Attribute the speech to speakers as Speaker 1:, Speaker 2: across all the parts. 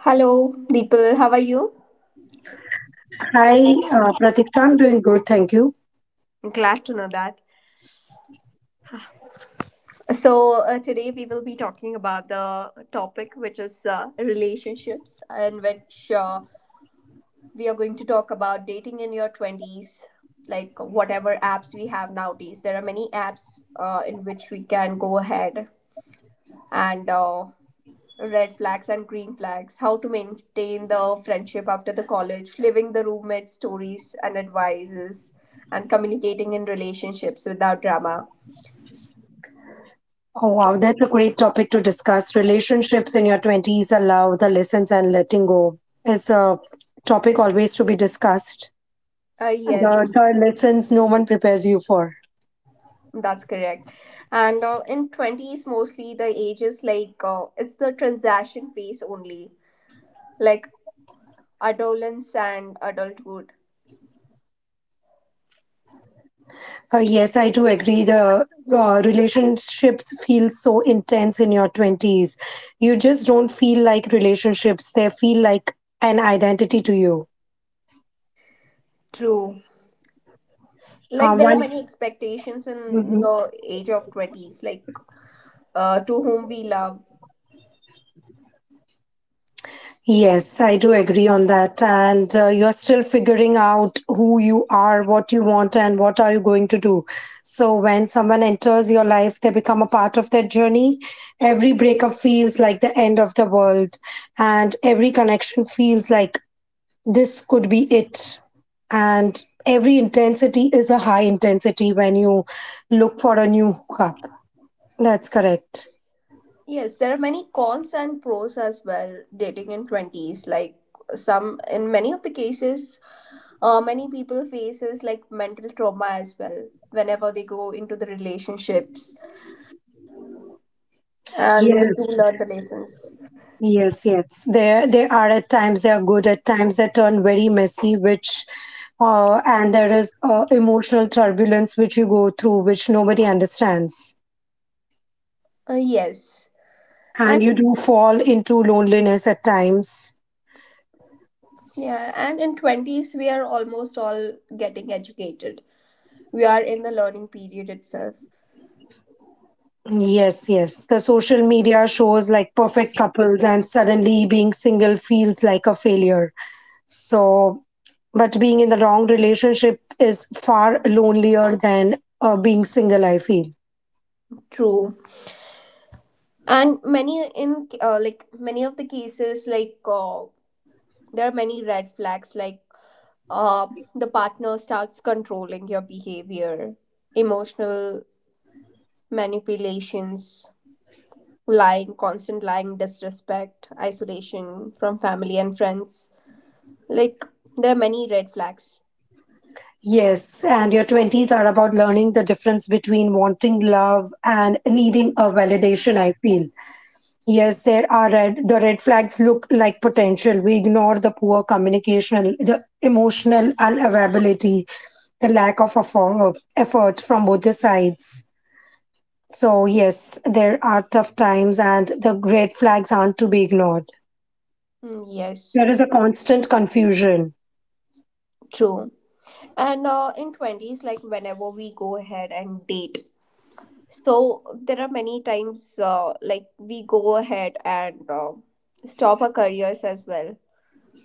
Speaker 1: Hello, Deepal. How are you?
Speaker 2: Hi, Pratikta. I'm doing good, thank you.
Speaker 1: Glad to know that. So, today we will be talking about the topic which is relationships, in which we are going to talk about dating in your 20s, like whatever apps we have nowadays. There are many apps in which we can go ahead and red flags and green flags, how to maintain the friendship after the college, living the roommate stories and advices, and communicating in relationships without drama.
Speaker 2: Oh, wow, that's a great topic to discuss. Relationships in your 20s allow the lessons and letting go is a topic always to be discussed.
Speaker 1: Yes,
Speaker 2: The lessons no one prepares you for.
Speaker 1: that's correct. And in 20s, mostly the age is like it's the transaction phase only, like adolescence and adulthood.
Speaker 2: Yes, I do agree. The relationships feel so intense in your 20s. You just don't feel like relationships, they feel like an identity to you.
Speaker 1: True. Like
Speaker 2: Uh,
Speaker 1: there are
Speaker 2: one,
Speaker 1: many expectations in
Speaker 2: Mhm.
Speaker 1: the age of 20s, like to whom we love.
Speaker 2: Yes, I do agree on that. And you're still figuring out who you are, what you want, and what are you going to do. So when someone enters your life, they become a part of that journey. Every breakup feels like the end of the world, and every connection feels like this could be it. And every intensity is a high intensity when you look for a new hookup. That's correct.
Speaker 1: Yes, there are many cons and pros as well dating in 20s. Like some, in many of the cases, many people faces like mental trauma as well whenever they go into the relationships and we do
Speaker 2: Yes.
Speaker 1: learn the lessons.
Speaker 2: Yes. They are at times they are good, at times they turn very messy, which and there is emotional turbulence which you go through, which nobody understands,
Speaker 1: Yes. And
Speaker 2: and you do fall into loneliness at times.
Speaker 1: yeah, and in 20s we are almost all getting educated. We are in the learning period itself.
Speaker 2: Yes. The social media shows like perfect couples, and suddenly being single feels like a failure. So, but being in the wrong relationship is far lonelier than being single, I feel.
Speaker 1: True. And many in like many of the cases like there are many red flags like uh, the partner starts controlling your behavior, emotional manipulations, lying, constant lying, disrespect, isolation from family and friends. Like there are many red flags.
Speaker 2: Yes, and your 20s are about learning the difference between wanting love and needing a validation, I feel. The red flags look like potential. We ignore the poor communication, the emotional unavailability, the lack of effort from both the sides. So, yes, there are tough times, and the red flags aren't to be ignored.
Speaker 1: Mm, yes,
Speaker 2: There is a constant confusion.
Speaker 1: true. And in 20s, like whenever we go ahead and date, so there are many times like we go ahead and stop our careers as well,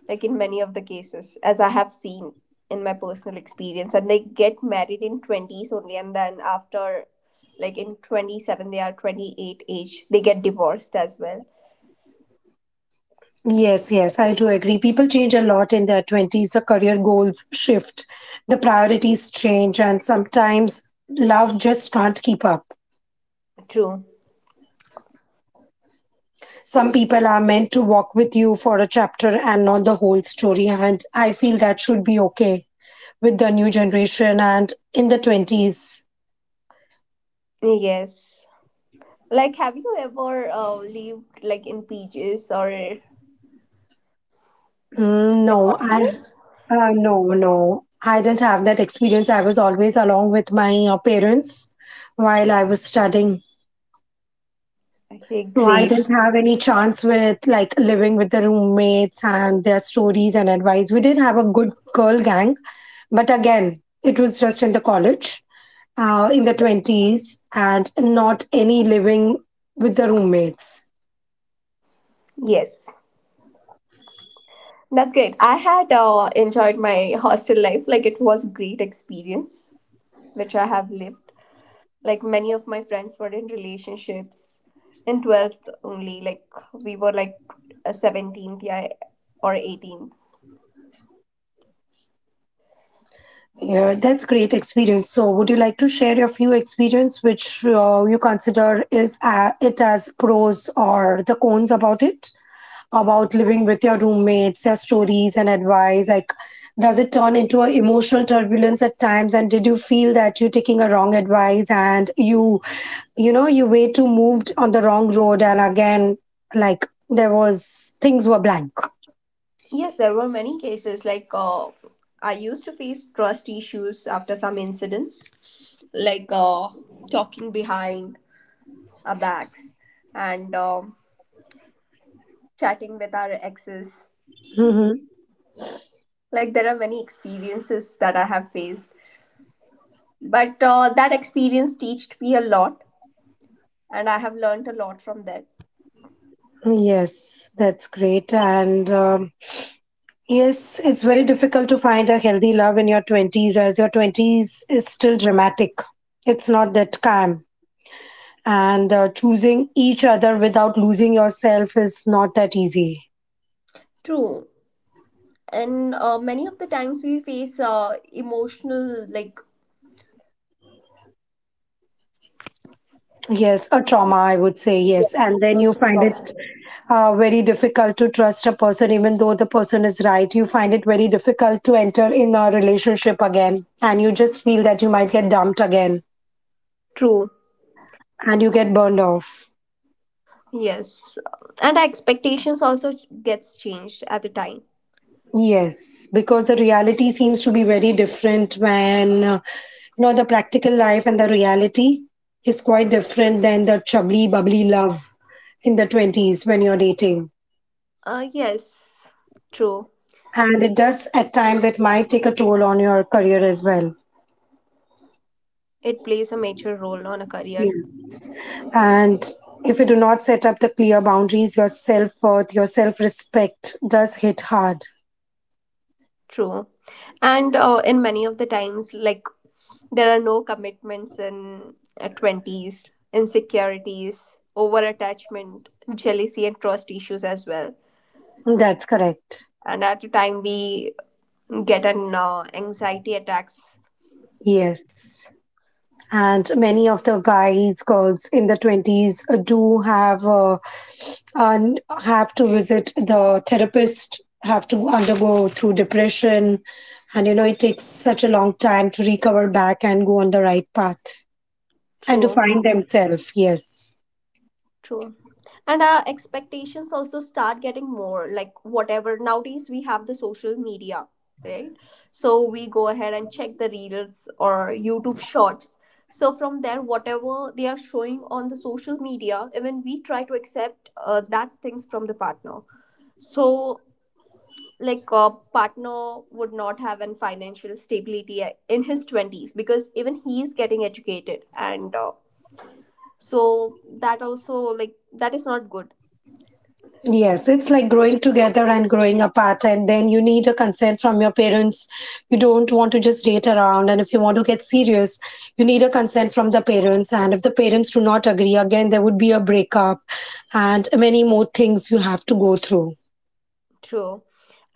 Speaker 1: like in many of the cases, as I have seen in my personal experience. And they get married in 20s only, and then after like in 27, they are 28 age, they get divorced as well.
Speaker 2: Yes, I do agree. People change a lot in their 20s. The career goals shift, the priorities change, and sometimes love just can't keep up.
Speaker 1: True.
Speaker 2: Some people are meant to walk with you for a chapter and not the whole story. And I feel that should be okay with the new generation and in the 20s.
Speaker 1: Yes. Like, have you ever lived like in PJs or in
Speaker 2: Mm, no, I
Speaker 1: hostels?
Speaker 2: uh, no, no. I didn't have that experience. I was always along with my parents while I was studying.
Speaker 1: Okay,
Speaker 2: So I
Speaker 1: great.
Speaker 2: didn't have any chance with like living with the roommates and their stories and advice. We did have a good girl gang, but again, it was just in the college, in the 20s, and not any living with the roommates.
Speaker 1: Yes, that's great. I had enjoyed my hostel life. Like, it was great experience which I have lived. Like, many of my friends were in relationships in 12th only. Like, we were like a 17th, yeah, or 18th.
Speaker 2: Yeah, that's great experience. So, would you like to share your few experience which you consider is it as pros or the cons about it, about living with your roommates, their stories and advice? Like, does it turn into a emotional turbulence at times? And did you feel that you're taking a wrong advice and you way too moved on the wrong road? And again, like there was things were blank.
Speaker 1: Yes, there were many cases. Like, I used to face trust issues after some incidents, like talking behind our backs and chatting with our exes.
Speaker 2: Hmm.
Speaker 1: Like, there are many experiences that I have faced, but that experience taught me a lot, and I have learned a lot from that.
Speaker 2: Yes, that's great. And yes, it's very difficult to find a healthy love in your 20s as your 20s is still dramatic. It's not that calm. And choosing each other without losing yourself is not that easy.
Speaker 1: True. And many of the times we face emotional, like,
Speaker 2: Yes, a trauma, I would say, yes.
Speaker 1: yes,
Speaker 2: And then you
Speaker 1: emotional
Speaker 2: find
Speaker 1: problems.
Speaker 2: it very difficult to trust a person, even though the person is right. You find it very difficult to enter in a relationship again. And you just feel that you might get dumped again
Speaker 1: True.
Speaker 2: and you get burned off.
Speaker 1: Yes, and our expectations also gets changed at the time.
Speaker 2: Yes, because the reality seems to be very different when the practical life and the reality is quite different than the chubbly bubbly love in the 20s when you're dating.
Speaker 1: Yes, true.
Speaker 2: And it does at times it might take a toll on your career as well.
Speaker 1: It plays a major role on a career.
Speaker 2: Yeah. And if you do not set up the clear boundaries, your self-worth, your self-respect does hit hard.
Speaker 1: True, and in many of the times, like there are no commitments in 20s, insecurities, over attachment, jealousy, and trust issues as well.
Speaker 2: That's correct.
Speaker 1: And at the time, we get an anxiety attacks.
Speaker 2: Yes. And many of the guys girls in the 20s do have have to visit the therapist, have to undergo through depression, and it takes such a long time to recover back and go on the right path and to
Speaker 1: True,
Speaker 2: find themselves. Yes.
Speaker 1: true. And our expectations also start getting more, like whatever nowadays we have the social media, right? So we go ahead and check the reels or YouTube shorts. So from there, whatever they are showing on the social media, even we try to accept that things from the partner. So like a partner would not have an financial stability in his 20s because even he is getting educated. And so that also like that is not good.
Speaker 2: Yes, it's like growing together and growing apart, and then you need a consent from your parents. You don't want to just date around, and if you want to get serious, you need a consent from the parents. And if the parents do not agree, again, there would be a breakup and many more things you have to go through.
Speaker 1: True.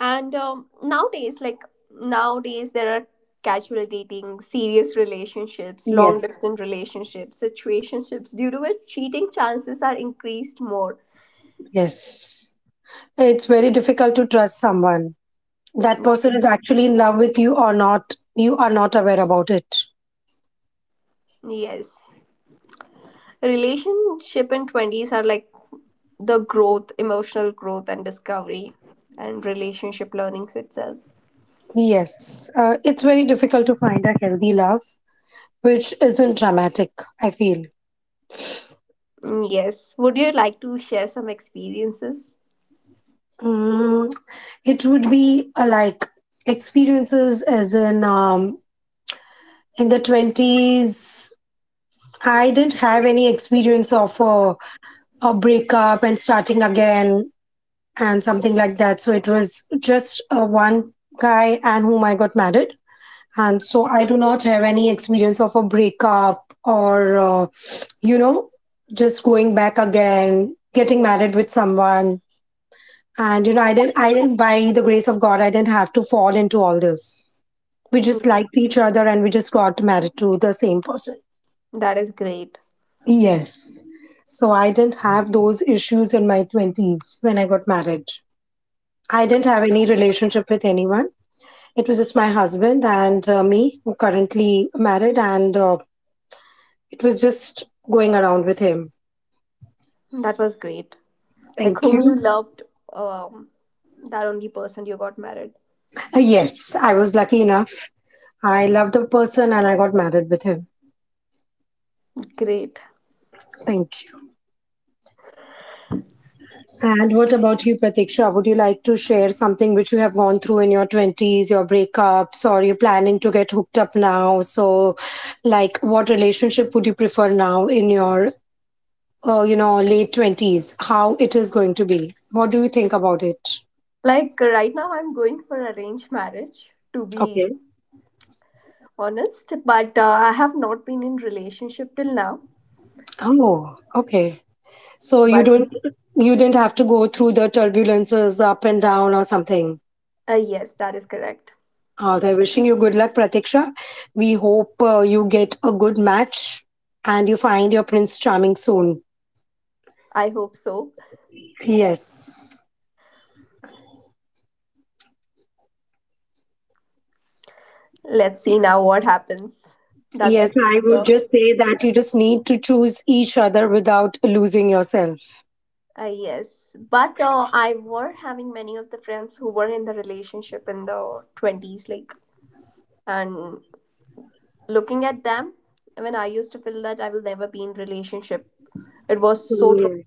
Speaker 1: And nowadays, like nowadays, there are casual dating, serious relationships,
Speaker 2: Yes.
Speaker 1: long distance relationships, situationships, due to which cheating chances are increased more.
Speaker 2: Yes. It's very difficult to trust someone. That person is actually in love with you or not, you are not aware about it.
Speaker 1: Yes. Relationship in 20s are like the growth, emotional growth, and discovery, and relationship learnings itself.
Speaker 2: Yes. It's very difficult to find a healthy love which isn't dramatic, I feel.
Speaker 1: Mm, yes. Would you like to share some experiences?
Speaker 2: Mm, it would be like experiences as in the 20s. I didn't have any experience of a breakup and starting again and something like that. So it was just one guy and whom I got married. And so I do not have any experience of a breakup or, you know, just going back again, getting married with someone. And I didn't, by the grace of God, I didn't have to fall into all this. We
Speaker 1: Mm,
Speaker 2: just liked each other and we just got married to the same person.
Speaker 1: That is great.
Speaker 2: Yes. So I didn't have those issues in my 20s when I got married. I didn't have any relationship with anyone. It was just my husband and me, who currently married, and it was just going around with him.
Speaker 1: That was great. Like
Speaker 2: Thank
Speaker 1: whom
Speaker 2: you.
Speaker 1: you loved, um that only person you got married.
Speaker 2: Yes, I was lucky enough. I loved the person and I got married with him.
Speaker 1: Great.
Speaker 2: Thank you. And what about you, Pratiksha? Would you like to share something which you have gone through in your 20s, your breakups, or you're planning to get hooked up now? So, like, what relationship would you prefer now in your, late 20s? How it is going to be? What do you think about it?
Speaker 1: Like, right now I'm going for arranged marriage, to be
Speaker 2: Okay.
Speaker 1: honest. But I have not been in relationship till now.
Speaker 2: Oh, okay. So you
Speaker 1: but
Speaker 2: don't, you didn't have to go through the turbulences up and down or something.
Speaker 1: uh, yes, that is correct.
Speaker 2: They're wishing you good luck, Pratiksha. We hope you get a good match and you find your Prince Charming soon.
Speaker 1: I hope so.
Speaker 2: Yes.
Speaker 1: Let's see now what happens. That's the
Speaker 2: Yes, I would
Speaker 1: future.
Speaker 2: just say that you just need to choose each other without losing yourself.
Speaker 1: Yes. but I were having many of the friends who were in the relationship in the 20s, like, and looking at them, when I used to feel that I will never be in relationship. It was so
Speaker 2: Yes.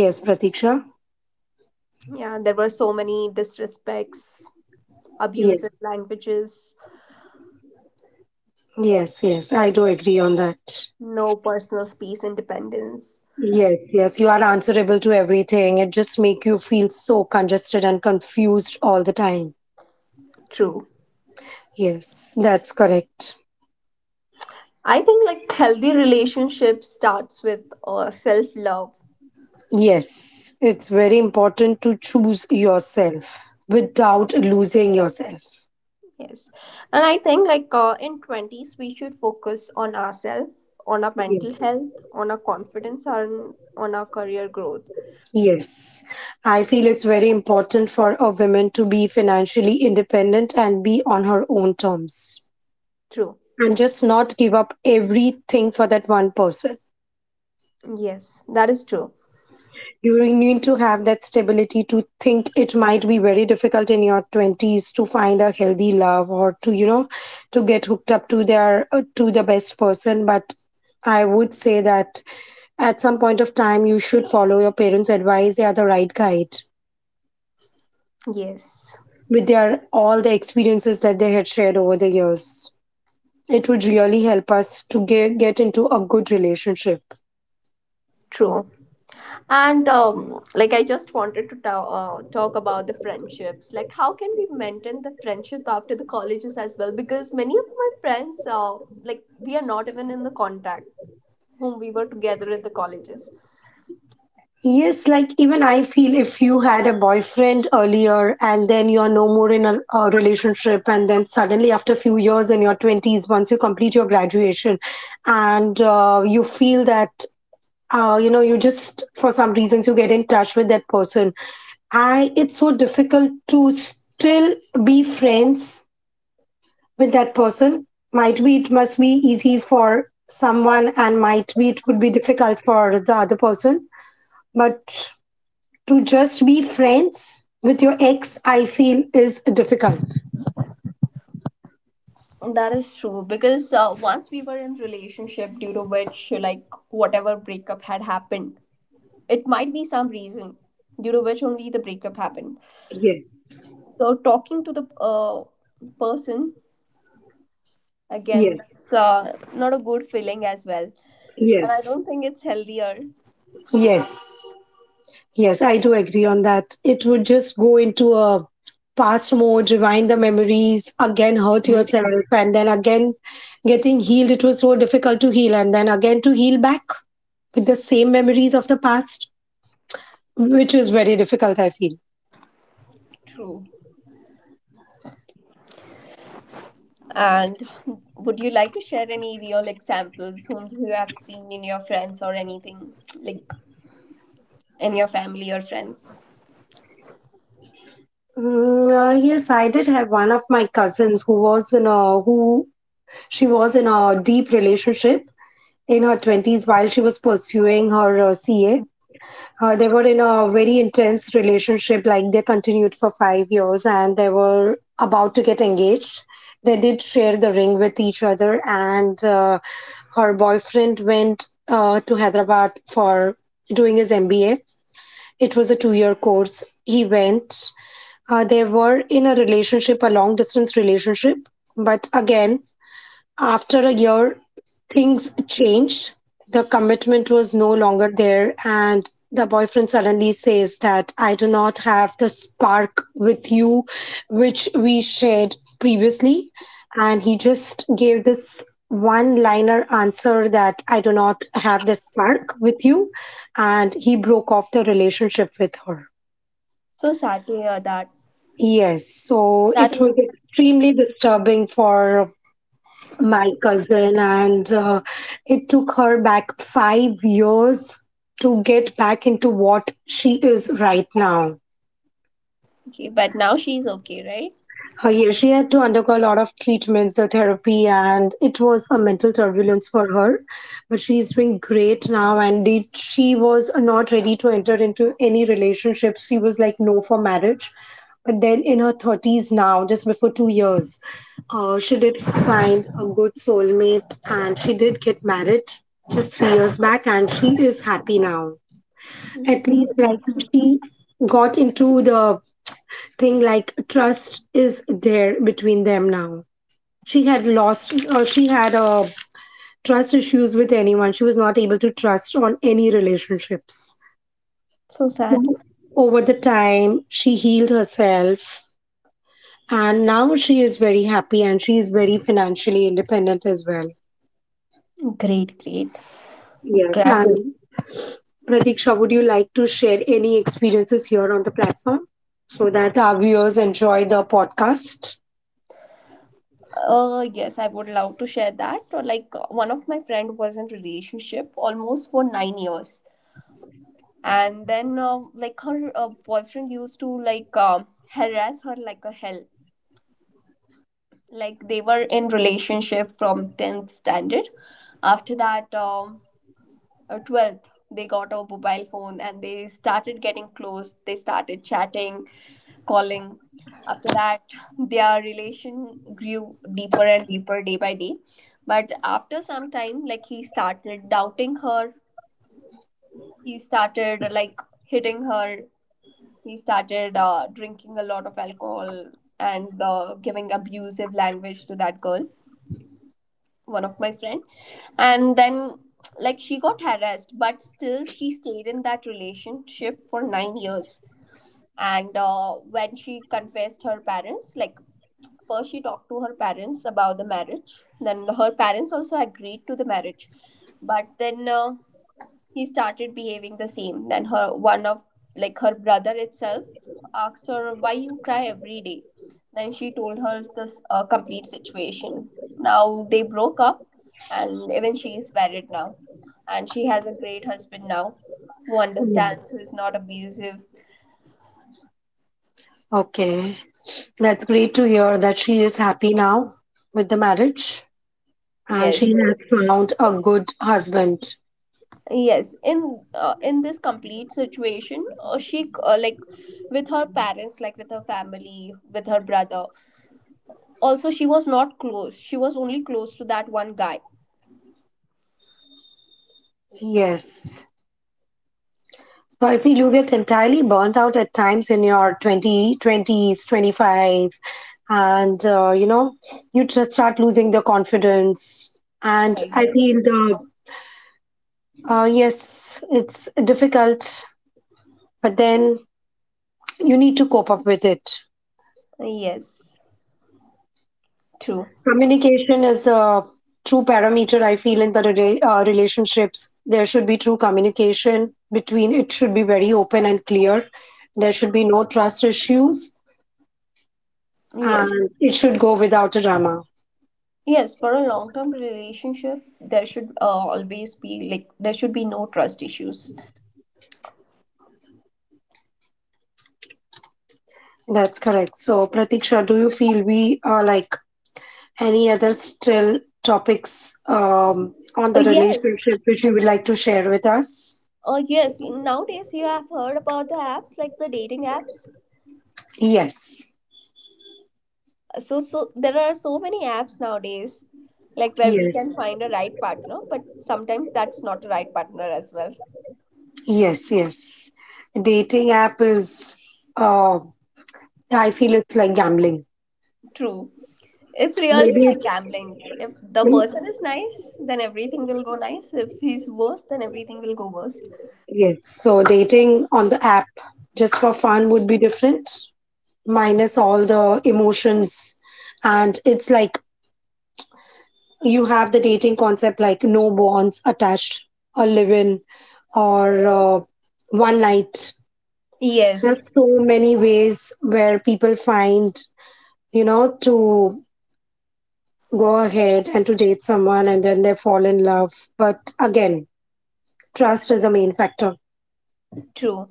Speaker 2: Yes, Pratiksha.
Speaker 1: trau- Yeah, there were so many disrespects,
Speaker 2: Yes.
Speaker 1: abusive languages,
Speaker 2: Yes. I do agree on that.
Speaker 1: no personal space, independence.
Speaker 2: Yes. You are answerable to everything. It just make you feel so congested and confused all the time.
Speaker 1: True.
Speaker 2: Yes, that's correct.
Speaker 1: I think like healthy relationship starts with self love.
Speaker 2: Yes, it's very important to choose yourself without losing yourself.
Speaker 1: Yes. And I think like in 20s we should focus on ourselves, on our
Speaker 2: Yes.
Speaker 1: mental health, on our confidence, and on our career growth.
Speaker 2: Yes, I feel it's very important for a woman to be financially independent and be on her own terms
Speaker 1: True.
Speaker 2: and just not give up everything for that one person.
Speaker 1: Yes, that is true.
Speaker 2: You need to have that stability to think. It might be very difficult in your 20s to find a healthy love or to to get hooked up to their to the best person, but I would say that at some point of time you should follow your parents advice. They are the right guide
Speaker 1: Yes.
Speaker 2: with their all the experiences that they had shared over the years. It would really help us to get into a good relationship.
Speaker 1: True. And like I just wanted to talk about the friendships. Like how can we maintain the friendship after the colleges as well? Because many of my friends, like we are not even in the contact whom we were together in the colleges.
Speaker 2: Yes, like even I feel if you had a boyfriend earlier and then you're no more in a relationship, and then suddenly after a few years in your 20s, once you complete your graduation, and you feel that. You just for some reasons you get in touch with that person. I It's so difficult to still be friends with that person. Might be it must be easy for someone and might be it would be difficult for the other person, but to just be friends with your ex, I feel is difficult.
Speaker 1: That is true because once we were in relationship due to which like whatever breakup had happened, it might be some reason due to which only the breakup happened.
Speaker 2: Yes,
Speaker 1: So talking to the person again,
Speaker 2: yes,
Speaker 1: that's not a good feeling as well. And I
Speaker 2: yes.
Speaker 1: don't think it's healthier.
Speaker 2: Yes, yes, I do agree on that. It would just go into a past mode, rewind the memories, again hurt yourself, and then again getting healed. It was so difficult to heal, and then again to heal back with the same memories of the past, which is very difficult, I feel.
Speaker 1: True. And would you like to share any real examples whom you have seen in your friends or anything, like in your family or friends?
Speaker 2: Yes, I did have one of my cousins who She was in a deep relationship in her 20s while she was pursuing her CA. They were in a very intense relationship, like they continued for 5 years and they were about to get engaged. They did share the ring with each other, and her boyfriend went to Hyderabad for doing his MBA. It was a 2 year course. He went. They were in a relationship, a long distance relationship. But again, after a year, things changed. The commitment was no longer there, and the boyfriend suddenly says that I do not have the spark with you, which we shared previously. And he just gave this one liner answer that I do not have the spark with you. And he broke off the relationship with her.
Speaker 1: So sad to hear that.
Speaker 2: Yes, so
Speaker 1: That
Speaker 2: it was
Speaker 1: was the reason.
Speaker 2: extremely disturbing for my cousin, and it took her back 5 years to get back into what she is right now
Speaker 1: Okay, but now she's okay, right?
Speaker 2: Uh, yeah, she had to undergo a lot of treatments, the therapy, and it was a mental turbulence for her. But she's doing great now, and she was not ready to enter into any relationships. She was like, no for marriage. But then in her 30s now, just before 2 years, she did find a good soulmate and she did get married just 3 years back, and she is happy now. At least, like,
Speaker 1: Mhm.
Speaker 2: she got into the thing like trust is there between them now. She had lost, or she had trust issues with anyone. She was not able to trust on any relationships.
Speaker 1: So sad.
Speaker 2: So, over the time, she healed herself, and now she is very happy and she is very financially independent as well.
Speaker 1: Great, great.
Speaker 2: Yes.
Speaker 1: Gratitude.
Speaker 2: And Pratiksha, would you like to share any experiences here on the platform so that our viewers enjoy the podcast?
Speaker 1: Yes, I would love to share that. Or like one of my friend was in relationship almost for 9 years. And then, like her boyfriend used to like harass her like a hell. Like they were in relationship from 10th standard. After that, 12th, they got a mobile phone and they started getting close. They started chatting, calling. After that, their relation grew deeper and deeper day by day. But after some time, like he started doubting her, he started like hitting her, he started drinking a lot of alcohol and giving abusive language to that girl, one of my friend. And then, like she got harassed, but still she stayed in that relationship for 9 years. And when she confessed her parents, like first she talked to her parents about the marriage, then her parents also agreed to the marriage. But then he started behaving the same. Then her one of, like her brother itself asked her, why you cry every day? Then she told her this complete situation. Now they broke up and even she is married now and she has a great husband now who understands,
Speaker 2: Yeah.
Speaker 1: who is not abusive.
Speaker 2: Okay. That's great to hear that she is happy now with the marriage and she
Speaker 1: Yes,
Speaker 2: has found a good husband.
Speaker 1: yes. In this complete situation, she, like with her parents, like with her family, with her brother. Also, she was not close. She was only close to that one guy.
Speaker 2: Yes. So I feel you get entirely burnt out at times in your 20 twenties, 25, and you know, you just start losing the confidence. And
Speaker 1: I
Speaker 2: I
Speaker 1: guess.
Speaker 2: feel the, Yes, it's difficult, but then you need to cope up with it.
Speaker 1: Yes, true.
Speaker 2: Communication is a true parameter, I feel, in the relationships. There should be true communication between, it should be very open and clear. There should be no trust issues,
Speaker 1: Yes.
Speaker 2: and it should go without a drama.
Speaker 1: Yes, for a long term relationship, there should always be, like there should be no trust issues.
Speaker 2: That's correct. So, Pratiksha, do you feel we are like any other still topics on
Speaker 1: Uh,
Speaker 2: the
Speaker 1: yes.
Speaker 2: relationship which you would like to share with us?
Speaker 1: Yes, nowadays you have heard about the apps like the dating apps.
Speaker 2: Yes.
Speaker 1: So there are so many apps nowadays like where we can
Speaker 2: Yes.
Speaker 1: find a right partner, but sometimes that's not a right partner as well.
Speaker 2: Yes. Yes. Dating app is uh, yeah, I feel it's like gambling.
Speaker 1: True. It's really
Speaker 2: Maybe it,
Speaker 1: like gambling. If the person is nice, then everything will go nice. If he's worse, then everything will go worst.
Speaker 2: yes. So dating on the app just for fun would be different, minus all the emotions. And it's like you have the dating concept like no bonds attached, or live in, or one night. There's
Speaker 1: Yes,
Speaker 2: so many ways where people find, you know, to go ahead and to date someone and then they fall in love. But again, trust is a main factor.
Speaker 1: true.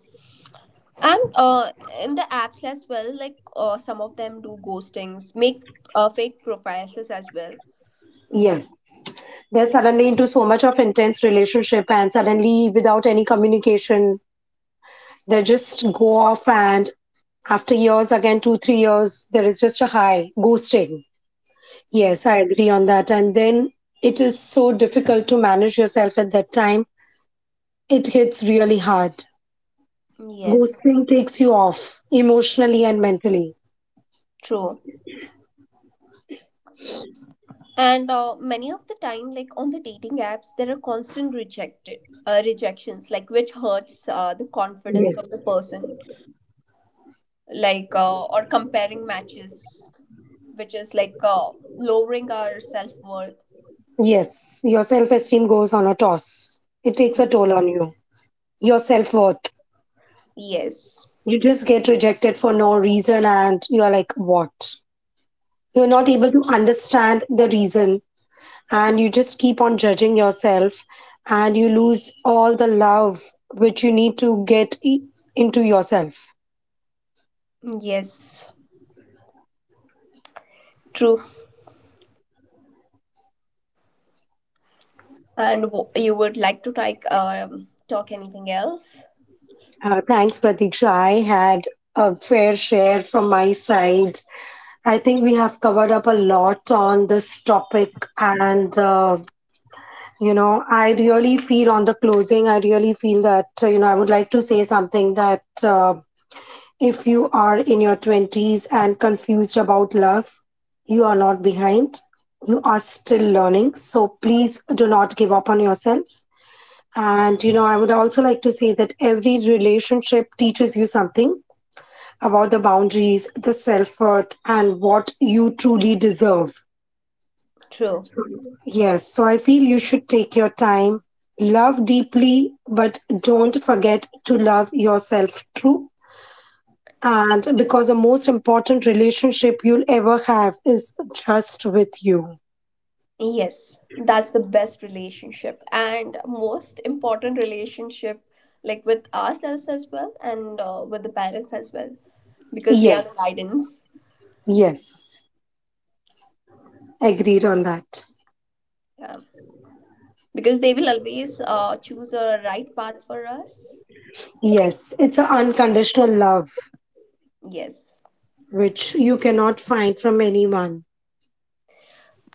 Speaker 1: And in the apps as well, like some of them do ghostings, make fake profiles as well.
Speaker 2: Yes, they're suddenly into so much of intense relationship and suddenly without any communication they just go off, and after years again 2, 3 years there is just a high ghosting.
Speaker 1: Mm,
Speaker 2: Yes, I agree on that. And then it is so difficult to manage yourself at that time. It hits really hard.
Speaker 1: yes,
Speaker 2: Ghosting takes you off emotionally and mentally.
Speaker 1: true. And many of the time, like on the dating apps, there are constant rejected rejections, like which hurts the confidence
Speaker 2: Yes.
Speaker 1: of the person, like or comparing matches, which is like lowering our self worth.
Speaker 2: Yes, your self-esteem goes on a toss. It takes a toll on you, your self-worth.
Speaker 1: Yes,
Speaker 2: You just get rejected for no reason, and you are like, what? You're not able to understand the reason, and you just keep on judging yourself, and you lose all the love which you need to get into yourself.
Speaker 1: yes, true. And you would like to like talk anything else?
Speaker 2: Thanks, Pratiksha. I had a fair share from my side. I think we have covered up a lot on this topic, and you know, I really feel on the closing, I really feel that you know, I would like to say something that if you are in your 20s and confused about love, you are not behind. You are still learning. So please do not give up on yourself. And, you know, I would also like to say that every relationship teaches you something about the boundaries, the self worth, and what you truly deserve.
Speaker 1: True.
Speaker 2: Yes. So I feel you should take your time, love deeply, but don't forget to love yourself true. And because the most important relationship you'll ever have is just with you.
Speaker 1: Yes, that's the best relationship and most important relationship, like with ourselves as well and with the parents as well, because they are
Speaker 2: Yes,
Speaker 1: the guidance.
Speaker 2: yes, agreed on that.
Speaker 1: Yeah, because they will always choose a right path for us.
Speaker 2: Yes, it's an unconditional love
Speaker 1: Yes.
Speaker 2: which you cannot find from anyone.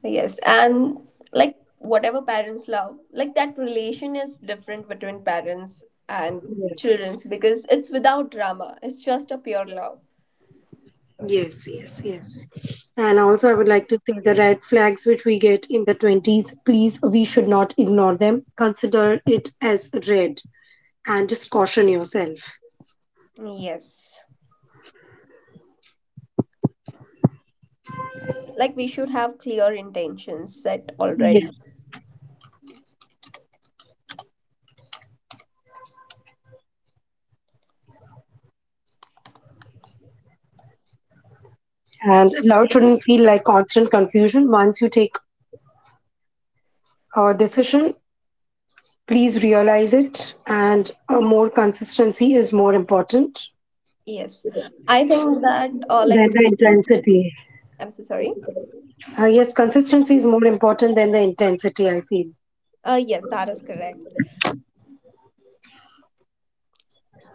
Speaker 1: Yes, and like whatever parents love, like that relation is different between parents and
Speaker 2: Yes,
Speaker 1: children's because it's without drama. It's just a pure love.
Speaker 2: yes, yes, yes. And also, I would like to say the red flags which we get in the 20s, please, we should not ignore them. Consider it as red, and just caution yourself.
Speaker 1: Yes. Like we should have clear intentions set already.
Speaker 2: And love shouldn't feel like constant confusion. Once you take decision. Please realize it, and more consistency is more important
Speaker 1: Yes. I think that like
Speaker 2: than
Speaker 1: we
Speaker 2: the
Speaker 1: should.
Speaker 2: intensity.
Speaker 1: I'm so sorry.
Speaker 2: Yes, consistency is more important than the intensity, I feel.
Speaker 1: Yes that is correct.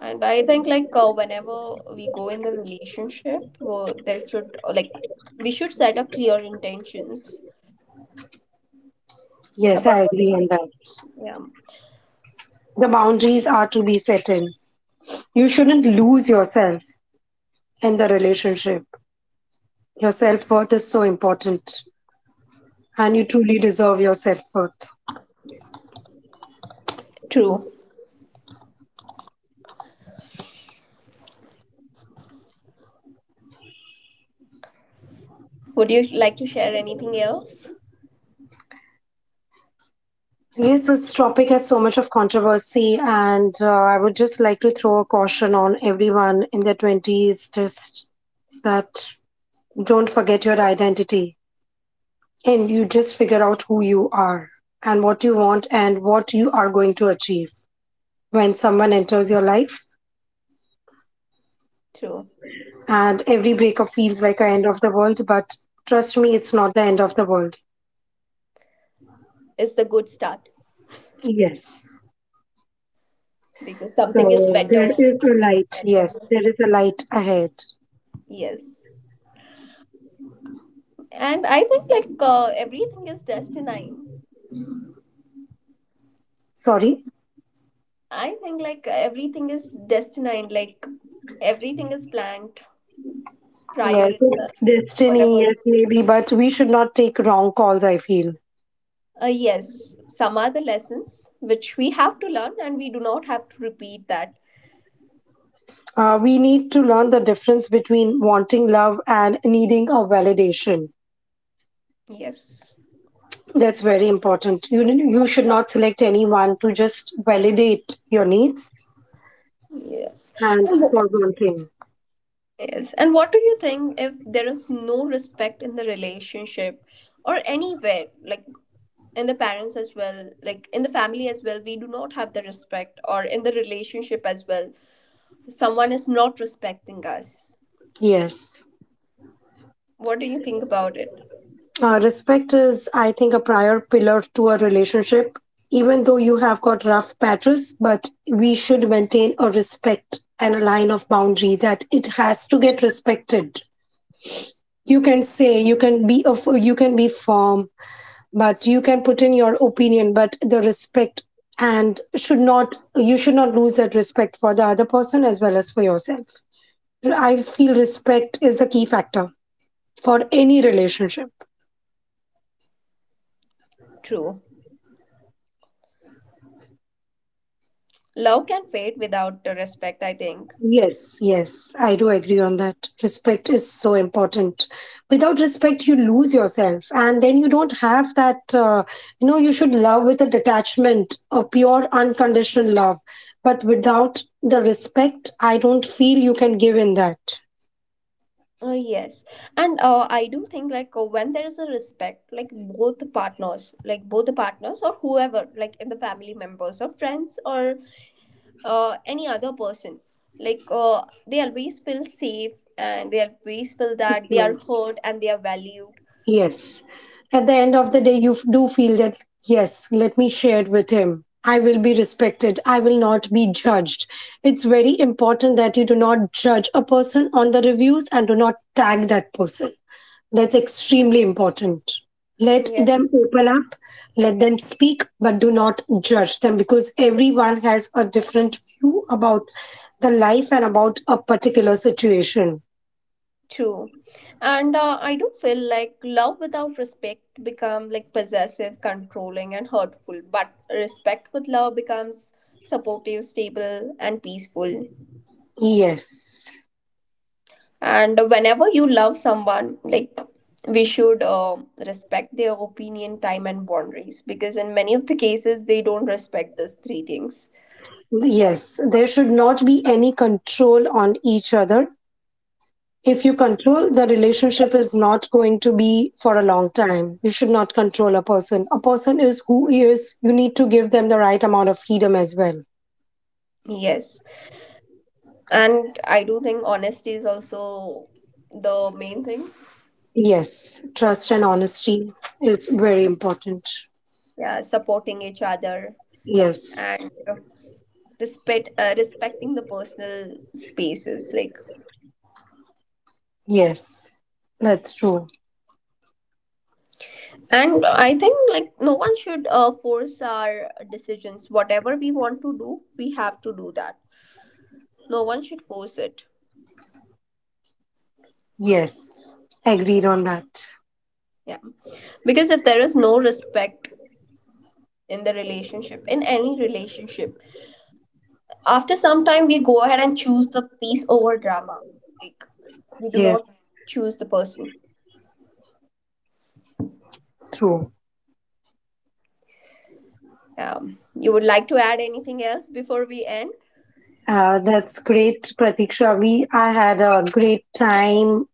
Speaker 1: And I think like whenever we go in the relationship, well, there should like we should set a clear intentions
Speaker 2: Yes,
Speaker 1: about.
Speaker 2: I agree on that.
Speaker 1: Yeah,
Speaker 2: The boundaries are to be set in. You shouldn't lose yourself in the relationship. Your self worth is so important, and you truly deserve your self worth.
Speaker 1: true. Would you like to share anything else?
Speaker 2: Yes, this topic has so much of controversy, and I would just like to throw a caution on everyone in their 20s just that don't forget your identity, and you just figure out who you are and what you want and what you are going to achieve when someone enters your life.
Speaker 1: True.
Speaker 2: And every breakup feels like an end of the world, but trust me, it's not the end of the world.
Speaker 1: It's the good start
Speaker 2: Yes.
Speaker 1: because something is
Speaker 2: So there
Speaker 1: better
Speaker 2: is a light.
Speaker 1: meant for
Speaker 2: Yes,
Speaker 1: you.
Speaker 2: there is a light ahead.
Speaker 1: Yes. And I think like everything is destined.
Speaker 2: Sorry?
Speaker 1: I think like everything is destined. Like everything is planned prior
Speaker 2: Yes,
Speaker 1: itself,
Speaker 2: it's destiny,
Speaker 1: whatever.
Speaker 2: yes, maybe, but we should not take wrong calls, I feel.
Speaker 1: Yes. Some are the lessons which we have to learn and we do not have to repeat that.
Speaker 2: We need to learn the difference between wanting love and needing a validation.
Speaker 1: Yes.
Speaker 2: That's very important. You should not select anyone to just validate your needs
Speaker 1: Yes.
Speaker 2: and
Speaker 1: And
Speaker 2: for one thing.
Speaker 1: yes. And what do you think if there is no respect in the relationship or anywhere, like in the parents as well, like in the family as well, we do not have the respect, or in the relationship as well, someone is not respecting us?
Speaker 2: Yes.
Speaker 1: What do you think about it?
Speaker 2: Respect is, I think, a prior pillar to a relationship. Even though you have got rough patches, but we should maintain a respect and a line of boundary that it has to get respected. You can say you can be firm, but you can put in your opinion, but the respect and should not you should not lose that respect for the other person as well as for yourself. I feel respect is a key factor for any relationship.
Speaker 1: True. Love can fade without the respect, I think.
Speaker 2: Yes, yes, I do agree on that. Respect is so important. Without respect, you lose yourself, and then you don't have that. You know, you should love with a detachment, a pure, unconditional love. But without the respect, I don't feel you can give in that.
Speaker 1: Yes, and I do think like when there is a respect, like both the partners, like both the partners or whoever, like in the family members or friends or any other person. Like they always feel safe and they always feel that they
Speaker 2: Secure.
Speaker 1: are heard and they are valued.
Speaker 2: Yes. At the end of the day, you do feel that, yes, let me share it with him. I will be respected. I will not be judged. It's very important that you do not judge a person on the reviews and do not tag that person. That's extremely important. Let
Speaker 1: Yes,
Speaker 2: them open up, let them speak, but do not judge them because everyone has a different view about the life and about a particular situation.
Speaker 1: true. And I do feel like love without respect become like possessive, controlling, and hurtful. But respect with love becomes supportive, stable, and peaceful.
Speaker 2: Yes.
Speaker 1: And whenever you love someone, like we should respect their opinion, time, and boundaries because in many of the cases they don't respect these three things.
Speaker 2: Yes, there should not be any control on each other. If you control, the relationship is not going to be for a long time. You should not control a person. A person is who he is. You need to give them the right amount of freedom as well.
Speaker 1: Yes. And I do think honesty is also the main thing.
Speaker 2: Yes, trust and honesty is very important.
Speaker 1: Yeah, supporting each other
Speaker 2: Yes,
Speaker 1: and respecting the personal spaces, like,
Speaker 2: yes, that's true.
Speaker 1: and I think like no one should force our decisions whatever we want to do, we have to do that. No one should force it.
Speaker 2: Yes, agreed on that.
Speaker 1: Yeah. Because if there is no respect in the relationship, in any relationship, after some time we go ahead and choose the peace over drama. Like, we do
Speaker 2: Yes,
Speaker 1: not choose the person.
Speaker 2: true.
Speaker 1: You would like to add anything else before we end?
Speaker 2: That's great, Pratiksha. I had a great time,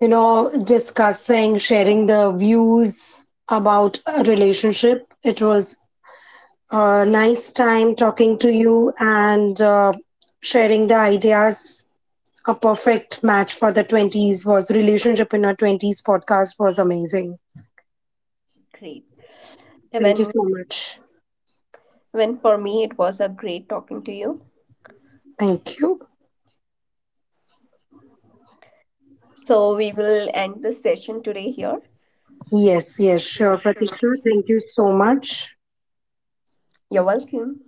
Speaker 2: you know, discussing, sharing the views about a relationship. It was a nice time talking to you, and sharing the ideas. A perfect match for the 20s was. Relationship in Our 20s podcast was amazing.
Speaker 1: Great.
Speaker 2: Thank you
Speaker 1: When
Speaker 2: so much.
Speaker 1: when for me it was a great talking to you.
Speaker 2: Thank you.
Speaker 1: So we will end this session today here.
Speaker 2: Yes, yes, sure, Pratiksha. Thank you so much.
Speaker 1: You're welcome.